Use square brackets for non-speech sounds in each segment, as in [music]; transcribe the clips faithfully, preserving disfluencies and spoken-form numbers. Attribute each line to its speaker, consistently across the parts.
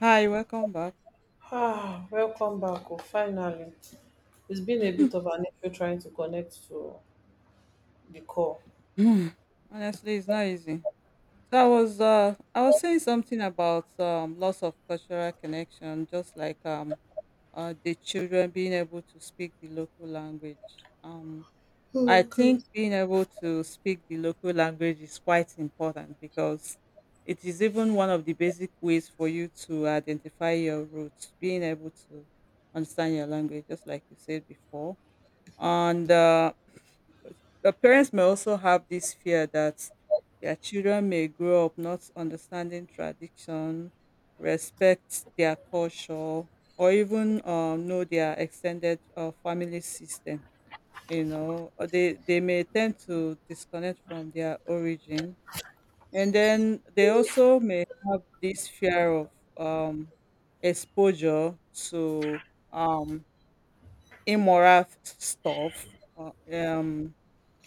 Speaker 1: Hi, welcome back.
Speaker 2: Ah, welcome back. Oh, finally. It's been a bit of an issue trying to connect to the call.
Speaker 1: [sighs] Honestly, it's not easy. So I was uh I was saying something about um loss of cultural connection, just like um uh the children being able to speak the local language. Um I think being able to speak the local language is quite important because it is even one of the basic ways for you to identify your roots, being able to understand your language, just like you said before. And uh the parents may also have this fear that their children may grow up not understanding tradition, respect their culture, or even um, know their extended uh, family system. You know, or they, they may tend to disconnect from their origin. And then they also may have this fear of um, exposure to um, immoral f- stuff. uh, Um,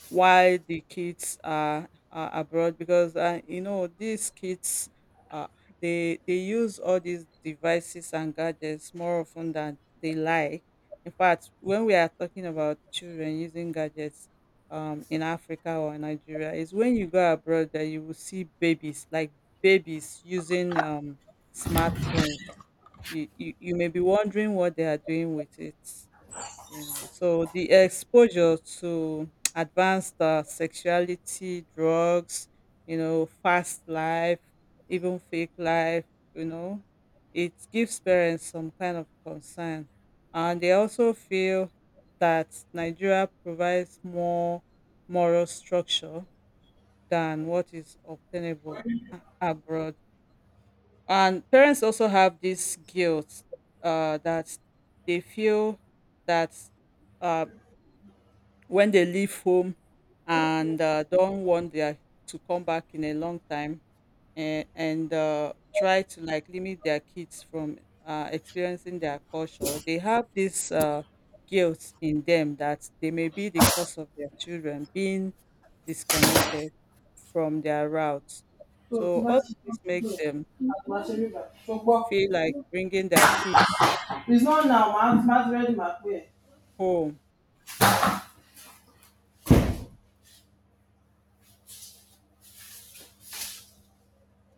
Speaker 1: why the kids are, are abroad, because uh, you know these kids uh, they they use all these devices and gadgets more often than they like. In fact, when we are talking about children using gadgets um, in Africa or Nigeria, is when you go abroad that you will see babies like babies using um, smartphones. You, you, you may be wondering what they are doing with it. You know, so the exposure to [tsk] advanced uh, sexuality, drugs, you know, fast life, even fake life, you know, it gives parents some kind of concern. And they also feel that Nigeria provides more moral structure than what is obtainable a- abroad. And parents also have this guilt, uh, that they feel that uh, when they leave home and uh, don't want their to come back in a long time, and, and uh, try to like limit their kids from uh, experiencing their culture. They have this uh, guilt in them that they may be the cause of their children being disconnected from their routes.
Speaker 2: Tó tí
Speaker 1: So
Speaker 2: bá
Speaker 1: all of
Speaker 2: ti ṣe
Speaker 1: this
Speaker 2: tó
Speaker 1: makes them
Speaker 2: àgbà ṣe rí bá ṣùgbọ́n
Speaker 1: feel like bringing their kids
Speaker 2: it's not now ma ma ti ready ma pé ẹ̀.
Speaker 1: home.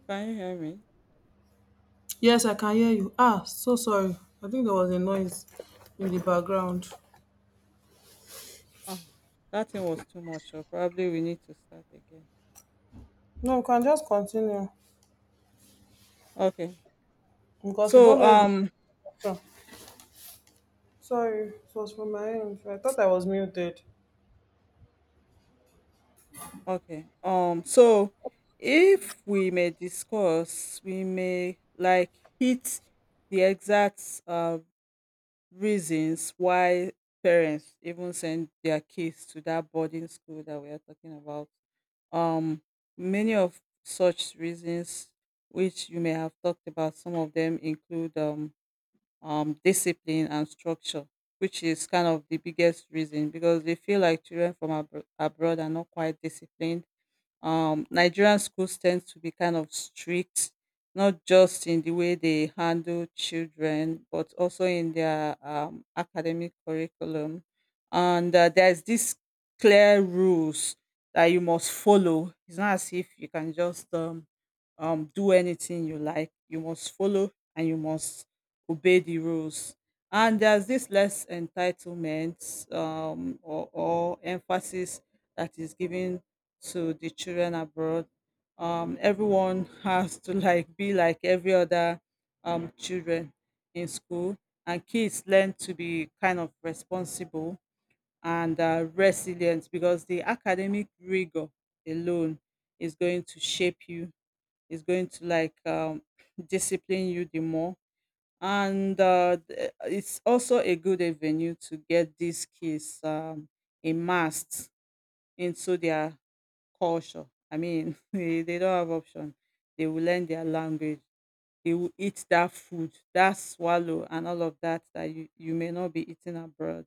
Speaker 1: Can you hear me?
Speaker 2: Yes, I can hear you. Ah, so sorry. I think there was a noise in the background.
Speaker 1: Oh, that thing was too much, so probably we need to start again.
Speaker 2: No, we can just continue
Speaker 1: Okay.
Speaker 2: because we don't
Speaker 1: So,
Speaker 2: know if.
Speaker 1: um,
Speaker 2: It's. Sorry, it was from my end. I thought I was muted.
Speaker 1: okay. Um, so if we may discuss, we may like hit the exact uh, reasons why parents even send their kids to that boarding school that we are talking about. Um, Many of such reasons, which you may have talked about, some of them include um um, discipline and structure, which is kind of the biggest reason because they feel like children from abro- abroad are not quite disciplined. um Nigerian schools tend to be kind of strict, not just in the way they handle children, but also in their um, academic curriculum. And uh, there's this clear rules that you must follow. It's not as if you can just um, um, do anything you like. You must follow, and you must obey the rules. And there's this less entitlement, um, or, or emphasis, that is given to the children abroad. Um, everyone has to like be like every other um, children in school, and kids learn to be kind of responsible and uh, resilient because the academic rigor alone is going to shape you. Is going to like um, [clears throat] discipline you the more, and uh, th- it's also a good avenue to get these kids um, immersed into their culture. I mean, [laughs] they they don't have option. They will learn their language. They will eat that food, that swallow, and all of that that you, you may not be eating abroad.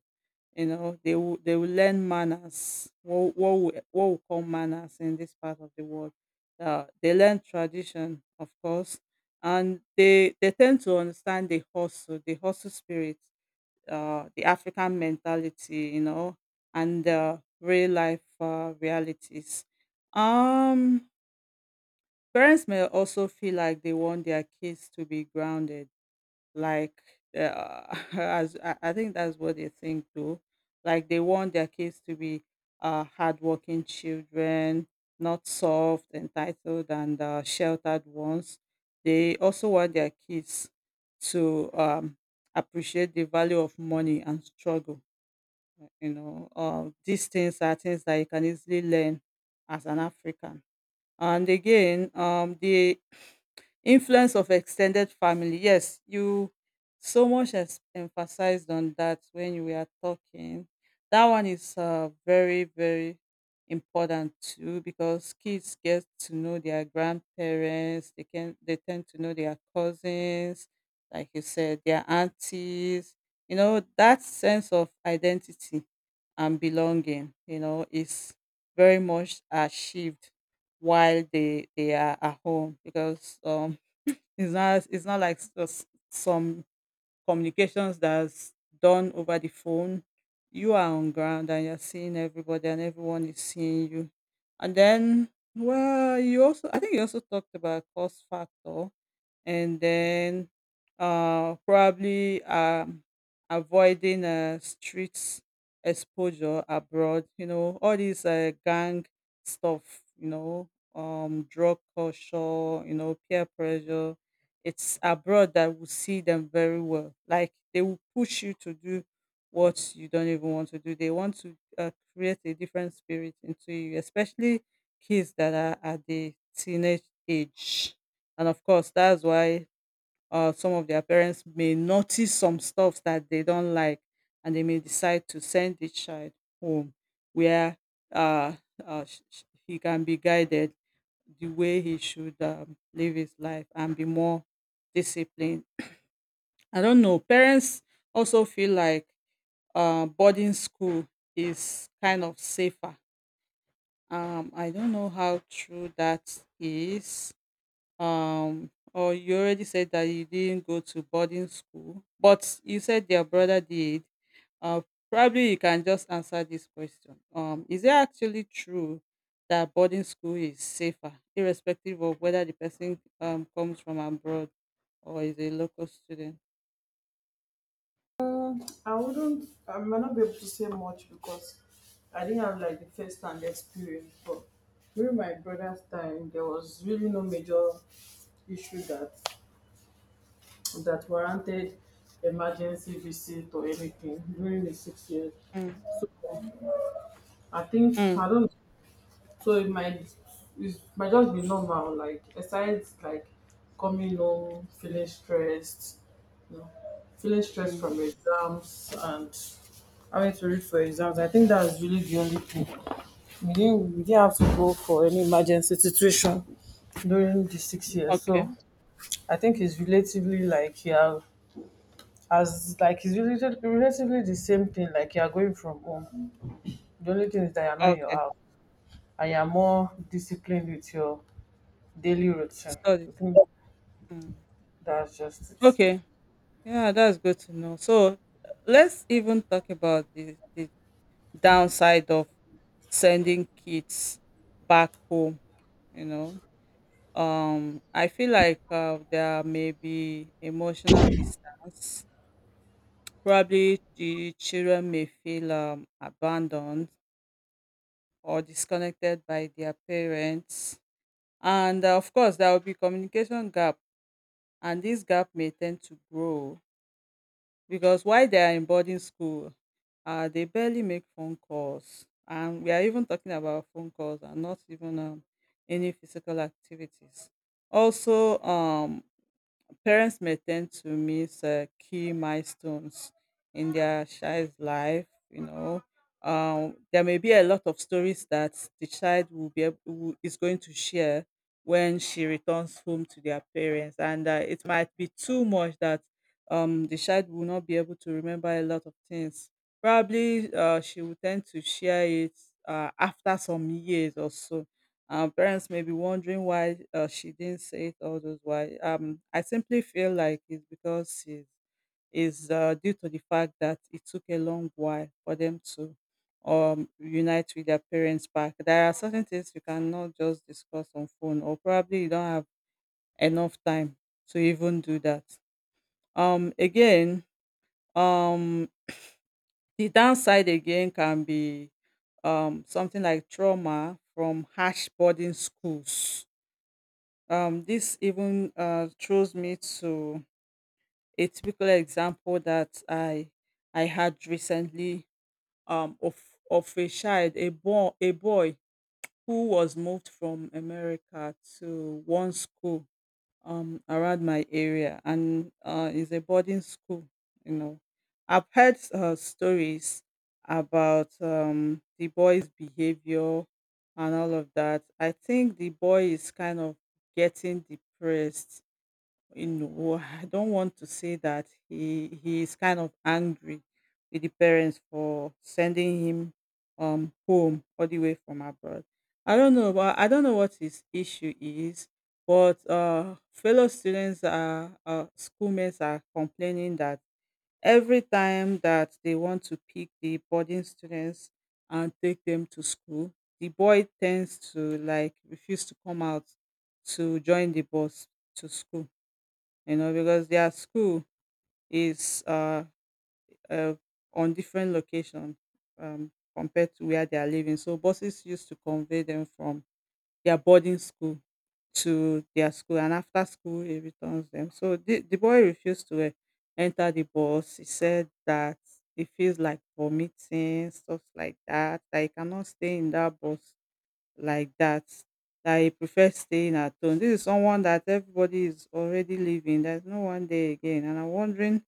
Speaker 1: You know, they will they will learn manners. What what we, what we call manners in this part of the world. Uh, they learn tradition, of course, and they they tend to understand the hustle, the hustle spirit, uh, the African mentality, you know, and uh, real life uh, realities. Um, Parents may also feel like they want their kids to be grounded, like uh, [laughs] as I I think that's what they think too. Like they want their kids to be uh, hardworking children, not soft, entitled, and uh, sheltered ones. They also want their kids to um, appreciate the value of money and struggle. You know, uh, these things are things that you can easily learn as an african. And again, um, the influence of extended family. Yes, you so much has emphasized on that when you were talking. That one is uh, very, very important too, because kids get to know their grandparents. They can they tend to know their cousins, like you said, their aunties. You know, that sense of identity and belonging, you know, is very much achieved while they they are at home, because um it's not it's not like s- some communications that's done over the phone. You are on ground and you're seeing everybody and everyone is seeing you. And then, well, you also I think you also talked about cost factor, and then uh probably um avoiding uh streets exposure abroad, you know, all these uh, gang stuff, you know, um drug culture, you know, peer pressure. It's abroad that will see them very well. Like they will push you to do what you don't even want to do. They want to uh, create a different spirit into you, especially kids that are at the teenage age. And of course, that's why uh, some of their parents may notice some stuff that they don't like, and they may decide to send the child home where uh, uh, sh- sh- he can be guided the way he should um, live his life and be more disciplined. I don't know. Parents also feel like uh, boarding school is kind of safer. Um, I don't know how true that is. Um or you already said that you didn't go to boarding school, but you said your brother did. uh Probably you can just answer this question. Um is it actually true that boarding school is safer, irrespective of whether the person um comes from abroad or is a local student?
Speaker 2: I wouldn't. I might not be able to say much because I didn't have like the first hand experience. But during my brother's time, there was really no major issue that that warranted emergency visit or anything during the six years.
Speaker 1: Mm.
Speaker 2: So I think I
Speaker 1: Mm.
Speaker 2: don't. So it might it might just be normal, like besides like coming home, feeling stressed, you know, feeling stressed
Speaker 1: Mm.
Speaker 2: from exams and having to read for exams. I think that's really the only thing. We didn't we didn't have to go for any emergency situation during the six years.
Speaker 1: Okay.
Speaker 2: So I think it's relatively like you are as like it's really relatively the same thing. Like you are going from home. The only thing is that you're not in your
Speaker 1: Okay.
Speaker 2: house and you're more disciplined with your daily routine. I
Speaker 1: Studies.
Speaker 2: think
Speaker 1: Mm.
Speaker 2: that's just it.
Speaker 1: Okay. Yeah, that's good to know. So let's even talk about the, the downside of sending kids back home. You know, um I feel like uh, there may be emotional distance. Probably the children may feel um, abandoned or disconnected by their parents, and uh, of course there will be communication gap, and this gap may tend to grow because while they are in boarding school, uh, they barely make phone calls. And we are even talking about phone calls and not even um, any physical activities. Also, um, parents may tend to miss uh, key milestones in their child's life, you know. Um, there may be a lot of stories that the child will be ab- will, is going to share when she returns home to their parents, and uh, it might be too much that um, the child will not be able to remember a lot of things. Probably uh, she will tend to share it uh, after some years or so. Our parents may be wondering why uh, she didn't say it all those why. Um, I simply feel like it's because it's, it's uh, due to the fact that it took a long while for them to um unite with their parents back. There are certain things you cannot just discuss on phone, or probably you don't have enough time to even do that. Um, again, um, the downside again can be um something like trauma from harsh boarding schools. Um, this even uh, throws me to a typical example that I I had recently, um, of of a child, a boy, a boy who was moved from America to one school um, around my area, and uh, is a boarding school. You know, I've heard uh, stories about um, the boy's behavior and all of that. I think the boy is kind of getting depressed. You know, I don't want to say that he he is kind of angry with the parents for sending him um home all the way from abroad. I don't know, but I don't know what his issue is. But uh, fellow students are uh, schoolmates are complaining that every time that they want to pick the boarding students and take them to school, the boy tends to like refuse to come out to join the bus to school, you know, because their school is uh, uh, on different location um, compared to where they are living. So buses used to convey them from their boarding school to their school, and after school it returns them. So the, the boy refused to uh, enter the bus. He said that he feels like vomiting, stuff like that. That he cannot stay in that bus like that, that he prefers staying at home. This is someone that everybody is already leaving. There's no one there again. And I'm wondering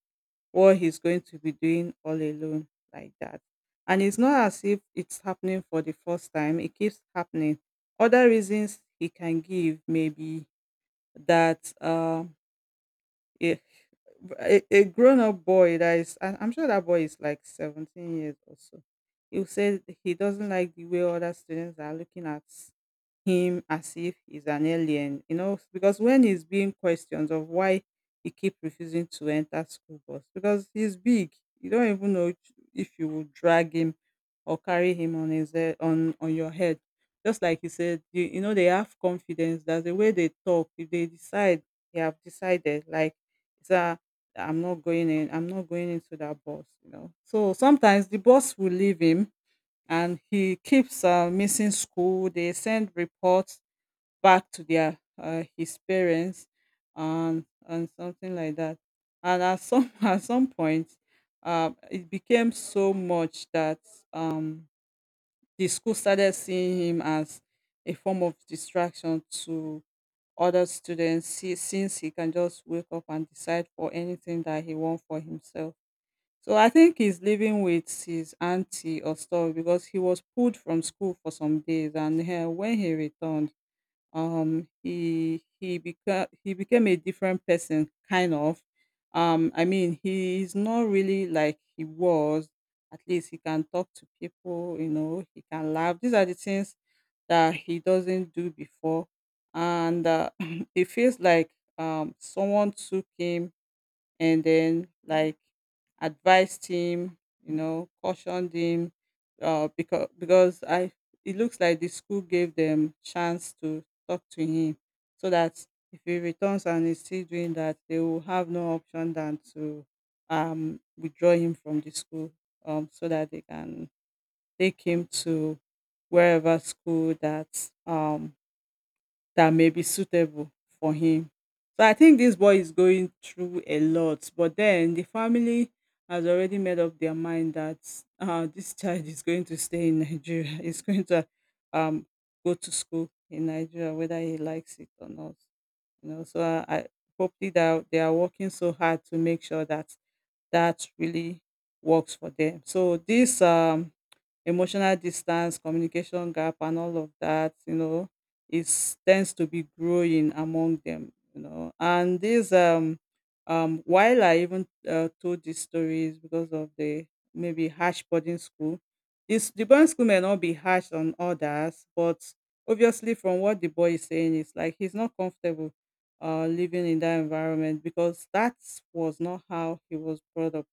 Speaker 1: what he's going to be doing all alone like that. And it's not as if it's happening for the first time, it keeps happening. Other reasons he can give maybe that um yeah. A, a grown up boy that is, I- I'm sure that boy is like seventeen years or so. He said he doesn't like the way other students are looking at him as if he's an alien, you know. Because when he's being questioned of why he keep refusing to enter school bus, because he's big, you don't even know if you will drag him or carry him on his head, on on your head. Just like he said, you, you know, they have confidence. That's the way they talk. If they decide, they have decided. Like that, I'm not going in, I'm not going into that bus, you know. So sometimes the boss will leave him and he keeps uh, missing school. They send reports back to their uh, his parents and and something like that. And at some [laughs] at some point, um, it became so much that um, the school started seeing him as a form of distraction to other students, si- since he can just wake up and decide for anything that he want for himself. So I think he's living with his auntie or story, because he was pulled from school for some days, and eh, when he returned, um he he became he became a different person, kind of. um I mean, he's not really like he was. At least he can talk to people, you know, he can laugh. These are the things that he doesn't do before. And uh, [clears throat] it feels like um someone took him and then, like, advised him, you know, cautioned him. Uh, because because I, it looks like the school gave them chance to talk to him, so that if he returns and is still doing that, they will have no option than to um withdraw him from the school, um, so that they can take him to wherever school that um that may be suitable for him. So I think this boy is going through a lot, but then the family has already made up their mind that uh, this child is going to stay in Nigeria. [laughs] He's going to um, go to school in Nigeria, whether he likes it or not. You know, so I, I hopefully that they are working so hard to make sure that that really works for them. So this um emotional distance, communication gap, and all of that, you know, is tends to be growing among them, you know. And this, um, um, while I even uh, told these stories because of the maybe harsh boarding school, this the boarding school may not be harsh on others, but obviously from what the boy is saying, it's like he's not comfortable uh, living in that environment, because that was not how he was brought up.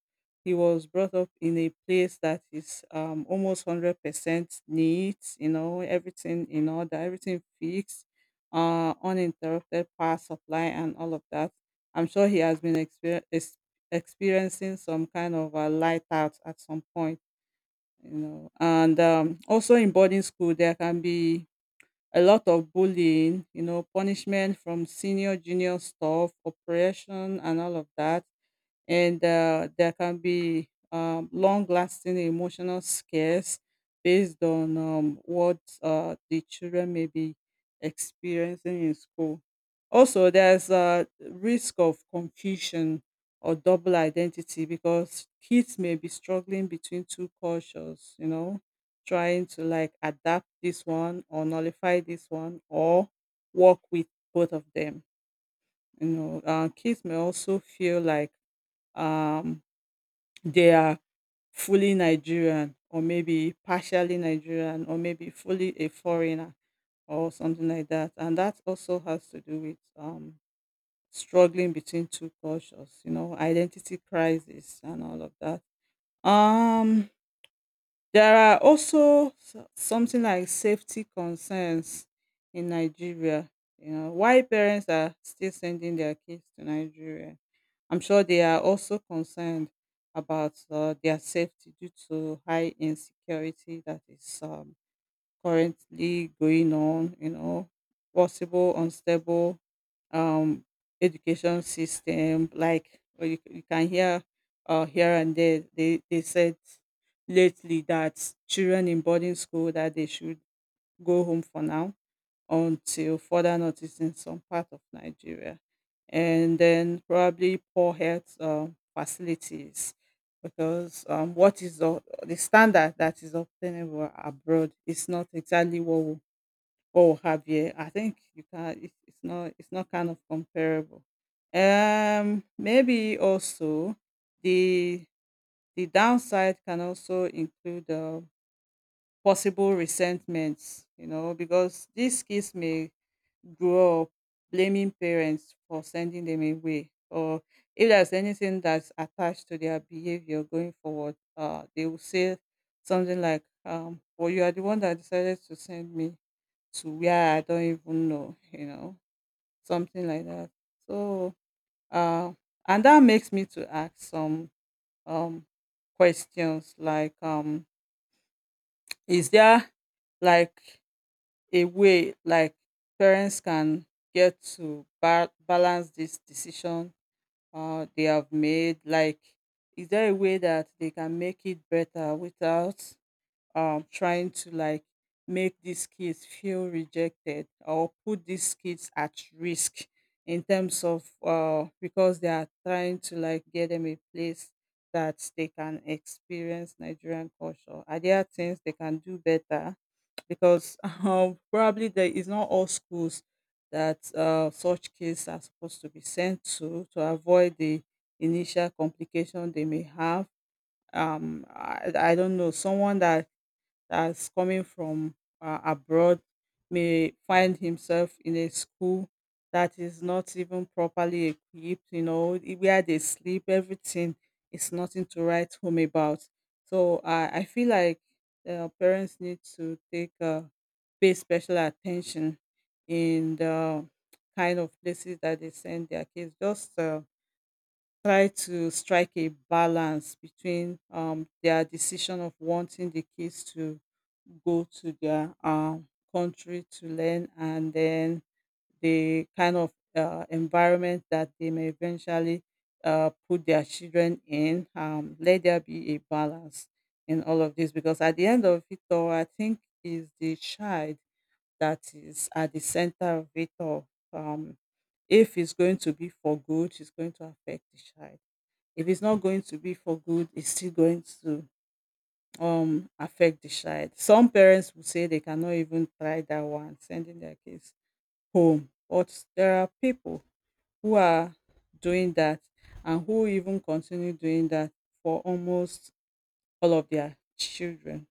Speaker 1: He was brought up in a place that is um, almost one hundred percent neat, you know, everything in order, everything fixed, uh, uninterrupted power supply, and all of that. I'm sure he has been exper- ex- experiencing some kind of a light out at some point, you know. And um, also in boarding school, there can be a lot of bullying, you know, punishment from senior, junior staff, oppression, and all of that. And uh, there can be um, long-lasting emotional scares based on um, what uh, the children may be experiencing in school. Also, there's a risk of confusion or double identity, because kids may be struggling between two cultures, you know, trying to, like, adapt this one or nullify this one, or work with both of them. You know, uh, kids may also feel like um, they are fully Nigerian, or maybe partially Nigerian, or maybe fully a foreigner or something like that. And that also has to do with um, struggling between two cultures, you know, identity crisis and all of that. Um, there are also s- something like safety concerns in Nigeria. You know, why parents are still sending their kids to Nigeria, I'm sure they are also concerned about uh, their safety, due to high insecurity that is um, currently going on, you know, possible unstable um, education system. Like uh, you, you can hear uh, here and there, they, they said lately that children in boarding school, that they should go home for now until further notice in some part of Nigeria. And then probably poor health um, facilities, because um, what is the, the standard that is obtainable abroad is not exactly what we, what we have here. I think you can, it, it's not, it's not kind of comparable. Um, maybe also the the downside can also include uh, possible resentments, you know, because these kids may grow up blaming parents for sending them away. Or if there's anything that's attached to their behavior going forward, uh, they will say something like, um, well, you are the one that decided to send me to where I don't even know, you know, something like that. So uh, and that makes me to ask some um, questions like, um, is there, like, a way, like, parents can get to ba- balance this decision uh, they have made? Like, is there a way that they can make it better without um, trying to, like, make these kids feel rejected or put these kids at risk in terms of uh, because they are trying to, like, get them a place that they can experience Nigerian culture? Are there things they can do better, because [laughs] um, probably there is not all schools that uh, such kids are supposed to be sent to to avoid the initial complication they may have. Um, I, I don't know, someone that that's coming from uh, abroad may find himself in a school that is not even properly equipped, you know, i- where they sleep, everything is nothing to write home about. So I I feel like uh, parents need to take uh, pay special attention in the kind of places that they send their kids. Just uh, try to strike a balance between um, their decision of wanting the kids to go to their um, country to learn, and then the kind of uh, environment that they may eventually uh, put their children in. Um, let there be a balance in all of this, because at the end of it all, I think is the child that is at the center of it all. Um, if it's going to be for good, it's going to affect the child. If it's not going to be for good, it's still going to um affect the child. Some parents will say they cannot even try that one, sending their kids home. But there are people who are doing that, and who even continue doing that for almost all of their children.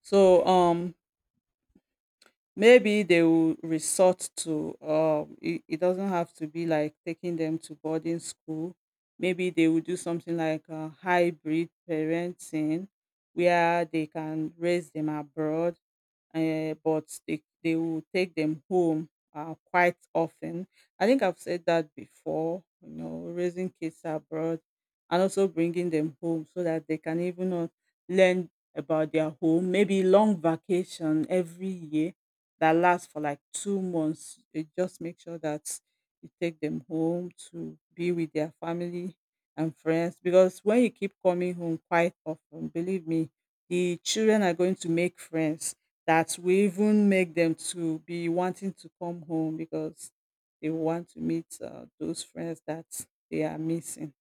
Speaker 1: So um maybe they will resort to, um, it, it doesn't have to be like taking them to boarding school. Maybe they will do something like uh, hybrid parenting, where they can raise them abroad, eh, but they they will take them home uh, quite often. I think I've said that before, you know, raising kids abroad and also bringing them home so that they can even uh, learn about their home. Maybe long vacation every year that lasts for like two months. They just make sure that you take them home to be with their family and friends, because when you keep coming home quite often, believe me, the children are going to make friends that will even make them to be wanting to come home, because they want to meet uh, those friends that they are missing.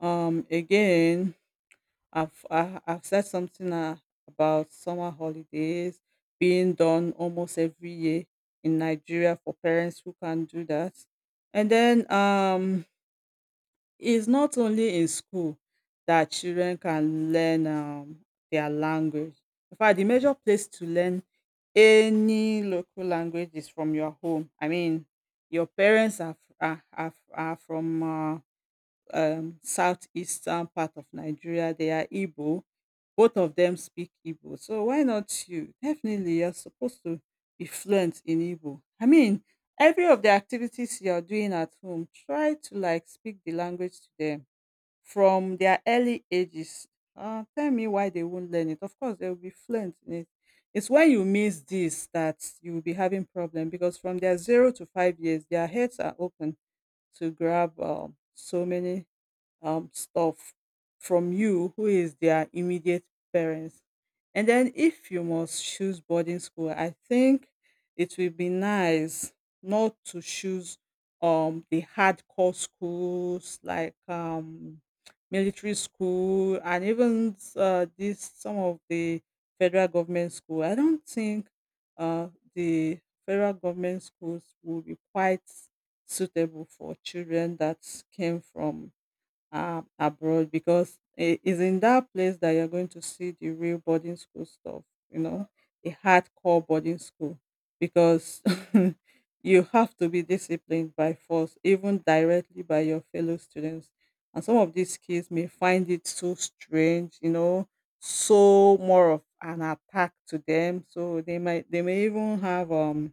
Speaker 1: Um, again, I've I, I've said something uh, about summer holidays being done almost every year in Nigeria for parents who can do that. And then, um it's not only in school that children can learn um their language. In fact, the major place to learn any local language is from your home. I mean, your parents are f- are, are, are from uh, um, southeastern part of Nigeria. They are Igbo. Both of them speak Igbo. So why not you? Definitely, you're supposed to be fluent in Igbo. I mean, every of the activities you're doing at home, try to, like, speak the language to them from their early ages. Uh, tell me why they won't learn it. Of course, they will be fluent in it. It's when you miss this that you will be having problem, because from their zero to five years, their heads are open to grab um, so many um, stuff from you, who is their immediate parents. And then, if you must choose boarding school, I think it will be nice not to choose um the hardcore schools, like um military school, and even uh, this some of the federal government school. I don't think uh the federal government schools will be quite suitable for children that came from uh, abroad, because it is in that place that you're going to see the real boarding school stuff, you know, the hardcore boarding school, because [laughs] you have to be disciplined by force, even directly by your fellow students. And some of these kids may find it so strange, you know, so more of an attack to them. So they might, they may even have um,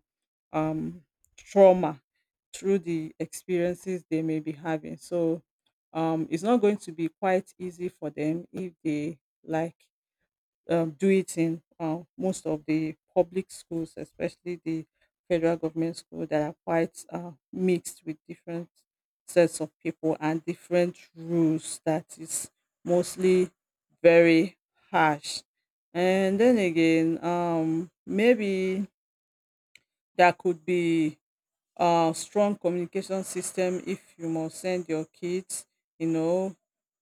Speaker 1: um, trauma through the experiences they may be having. So um, it's not going to be quite easy for them if they like um, do it in um, most of the public schools, especially the federal government schools that are quite uh, mixed with different sets of people and different rules that is mostly very harsh. And then again, um, maybe there could be uh, strong communication system. If you must send your kids, you know,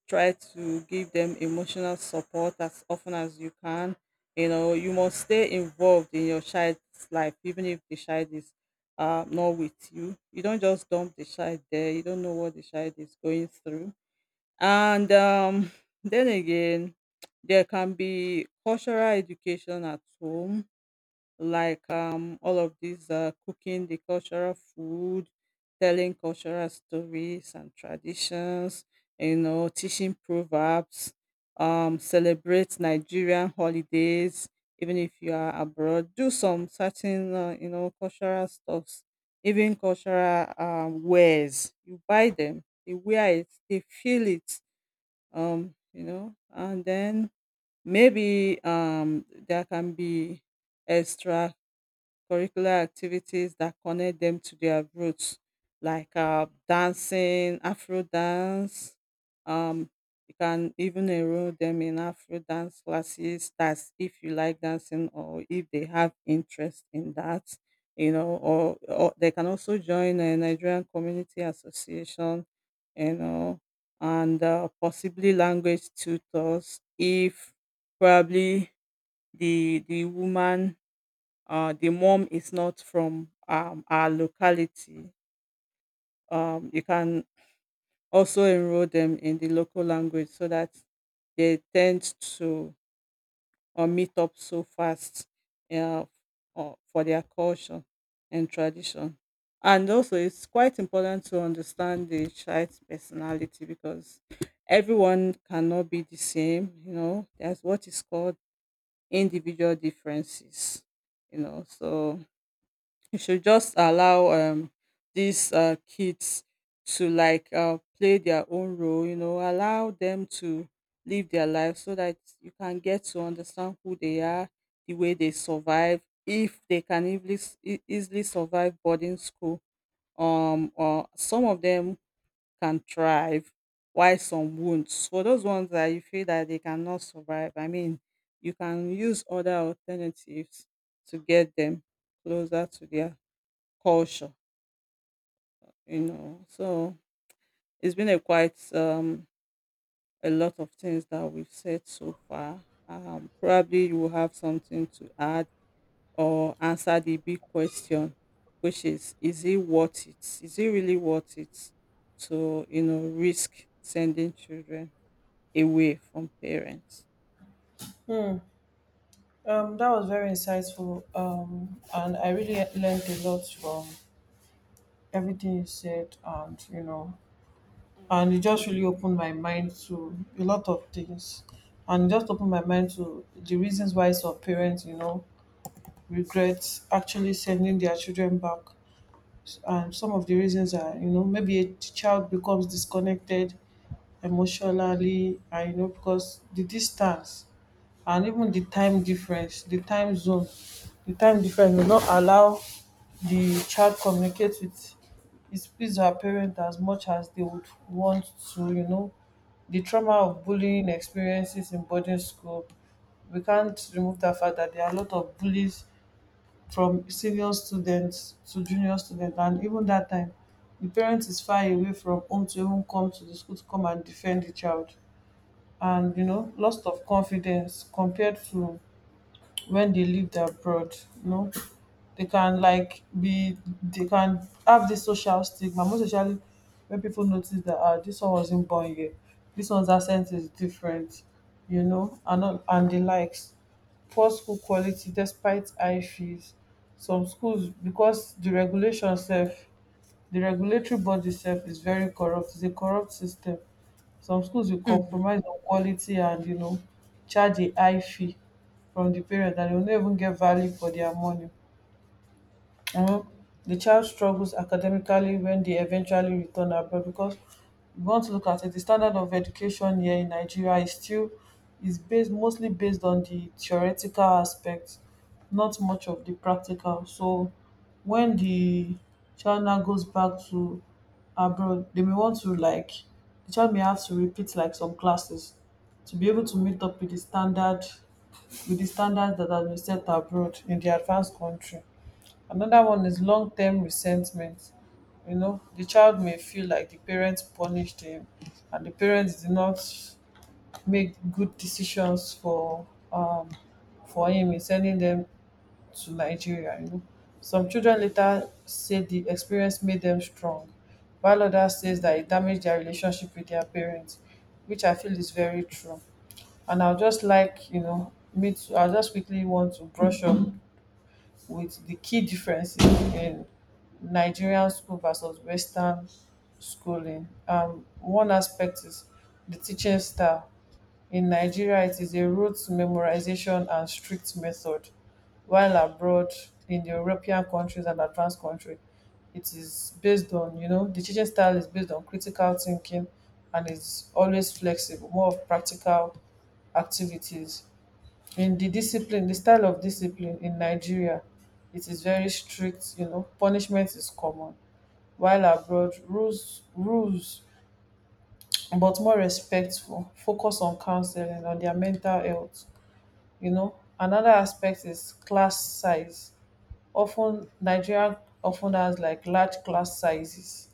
Speaker 1: try to give them emotional support as often as you can. You know, you must stay involved in your child's life even if the child is uh, not with you. You don't just dump the child there, you don't know what the child is going through. And um, then again, there can be cultural education at home, like um, all of these uh, cooking the cultural food, telling cultural stories and traditions, you know, teaching proverbs, um, celebrate Nigerian holidays, even if you are abroad. Do some certain, uh, you know, cultural stuffs, even cultural um, wares. You buy them, they wear it, they feel it, um, you know. And then maybe um, there can be extra curricular activities that connect them to their roots, like uh, dancing, Afro dance. Um, you can even enroll them in Afro dance classes. That's if you like dancing or if they have interest in that. You know, or, or they can also join a Nigerian Community Association. You know, and uh, possibly language tutors if probably the the woman, uh, the mom, is not from um, our locality. Um, you can also enroll them in the local language so that they tend to or meet up so fast, uh, or for their culture and tradition. And also, it's quite important to understand the child's personality, because everyone cannot be the same. You know, there's what is called individual differences. You know, so you should just allow um these uh kids to like uh play their own role. You know, allow them to live their life so that you can get to understand who they are, the way they survive, if they can easily e- easily survive boarding school. Um or some of them can thrive while some won't. For those ones that you feel that they cannot survive, I mean, you can use other alternatives to get them closer to their culture, you know. So it's been a quite um a lot of things that we've said so far. Um, probably you will have something to add or answer the big question, which is: Is it worth it? Is it really worth it to, you know, risk sending children away from parents?
Speaker 2: Um, that was very insightful, um, and I really learned a lot from everything you said, and you know, and it just really opened my mind to a lot of things, and just opened my mind to the reasons why some parents, you know, regret actually sending their children back, and some of the reasons are, you know, maybe a child becomes disconnected emotionally, and you know, because the distance and even the time difference, the time zone, the time difference will not allow the child communicate with his his or her parent as much as they would want to you know The trauma of bullying experiences in boarding school. We can't remove the fact that there are a lot of bullies from senior students to junior students, and even that time the parent is far away from home to even come to the school to come and defend the child. And you know loss of confidence compared to when they lived abroad. you know they can like be they can have this social stigma, most especially when people notice that ah this one wasn't born here, this one's accent is different, you know and all- and the likes. Poor school quality despite high fees, some schools, because the regulation sef, the regulatory body itself is very corrupt. It's a corrupt system. Some schools will
Speaker 1: Mhm.
Speaker 2: compromise on quality and you know charge a high fee from the parent and they will not even get value for their money. Mhm. The child struggles academically when they eventually return abroad because we want to look at it. The standard of education here in Nigeria is still is based mostly based on the theoretical aspect, not much of the practical. So when the child now goes back to abroad, they may want to like the child may have to repeat like some classes to be able to meet up with the standard with the standards that have been set abroad in the advanced country. Another one is long term resentment. You know, the child may feel like the parents punished him and the parents did not make good decisions for um for him in sending them to Nigeria, you know. Some children later say the experience made them strong, while others says that it damaged their relationship with their parents, which I feel is very true. And I'll just like, you know, me too, I'll just quickly want to brush up with the key differences in Nigerian school versus Western schooling. Um, one aspect is the teaching style. In Nigeria, it is a rote memorization and strict method, while abroad in the European countries and advanced countries, it is based on, you know, the teaching style is based on critical thinking and is always flexible, more of practical activities in the discipline, the style of discipline in Nigeria. It is very strict. You know, punishment is common, while abroad, rules rules but more respectful, focus on counselling on their mental health. You know, another aspect is class size. Often ten Nigerian of has like large class sizes,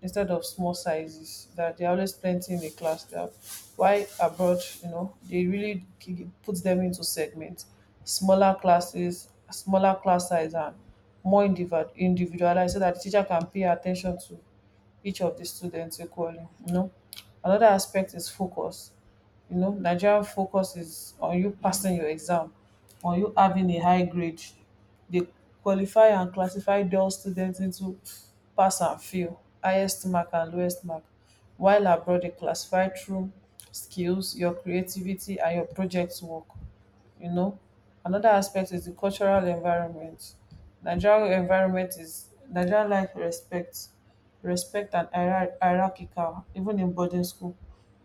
Speaker 2: instead of small sizes that they're always plenty in a class they have, why abroad, you know they really k- put them into segments, smaller classes smaller class size and more individ- individualized, so that the teacher can pay attention to each of the students equally you know Another aspect is focus. You know nigerian focus is on you passing your exam, on you having a high grade. They qualify and classify those students into pass and fail, highest mark and lowest mark, while abroad they classify through skills, your creativity and your project work. You know, Another aspect is the cultural environment. Nigerian environment is Nigerian life respect respect and hierar hierarchical even in boarding school.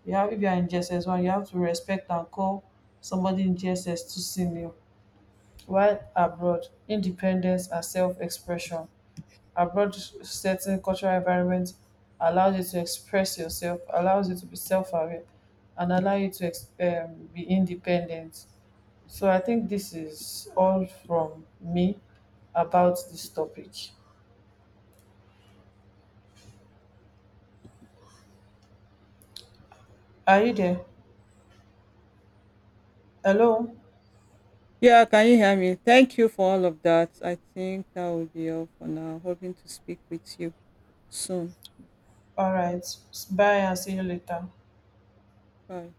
Speaker 2: You have if you are in G S S one you have to respect and call somebody in G S S two senior, while abroad independence and self-expression. Abroad certain cultural environment allows you to express yourself, allows you to be self-aware and allow you to ex- um, be independent. So I think this is all from me about this topic. Are you there? Hello?
Speaker 1: Yeah, can you hear me? Thank you for all of that. I think that will be all for now. Hoping to speak with you soon.
Speaker 2: All right, bye and see you later.
Speaker 1: Bye.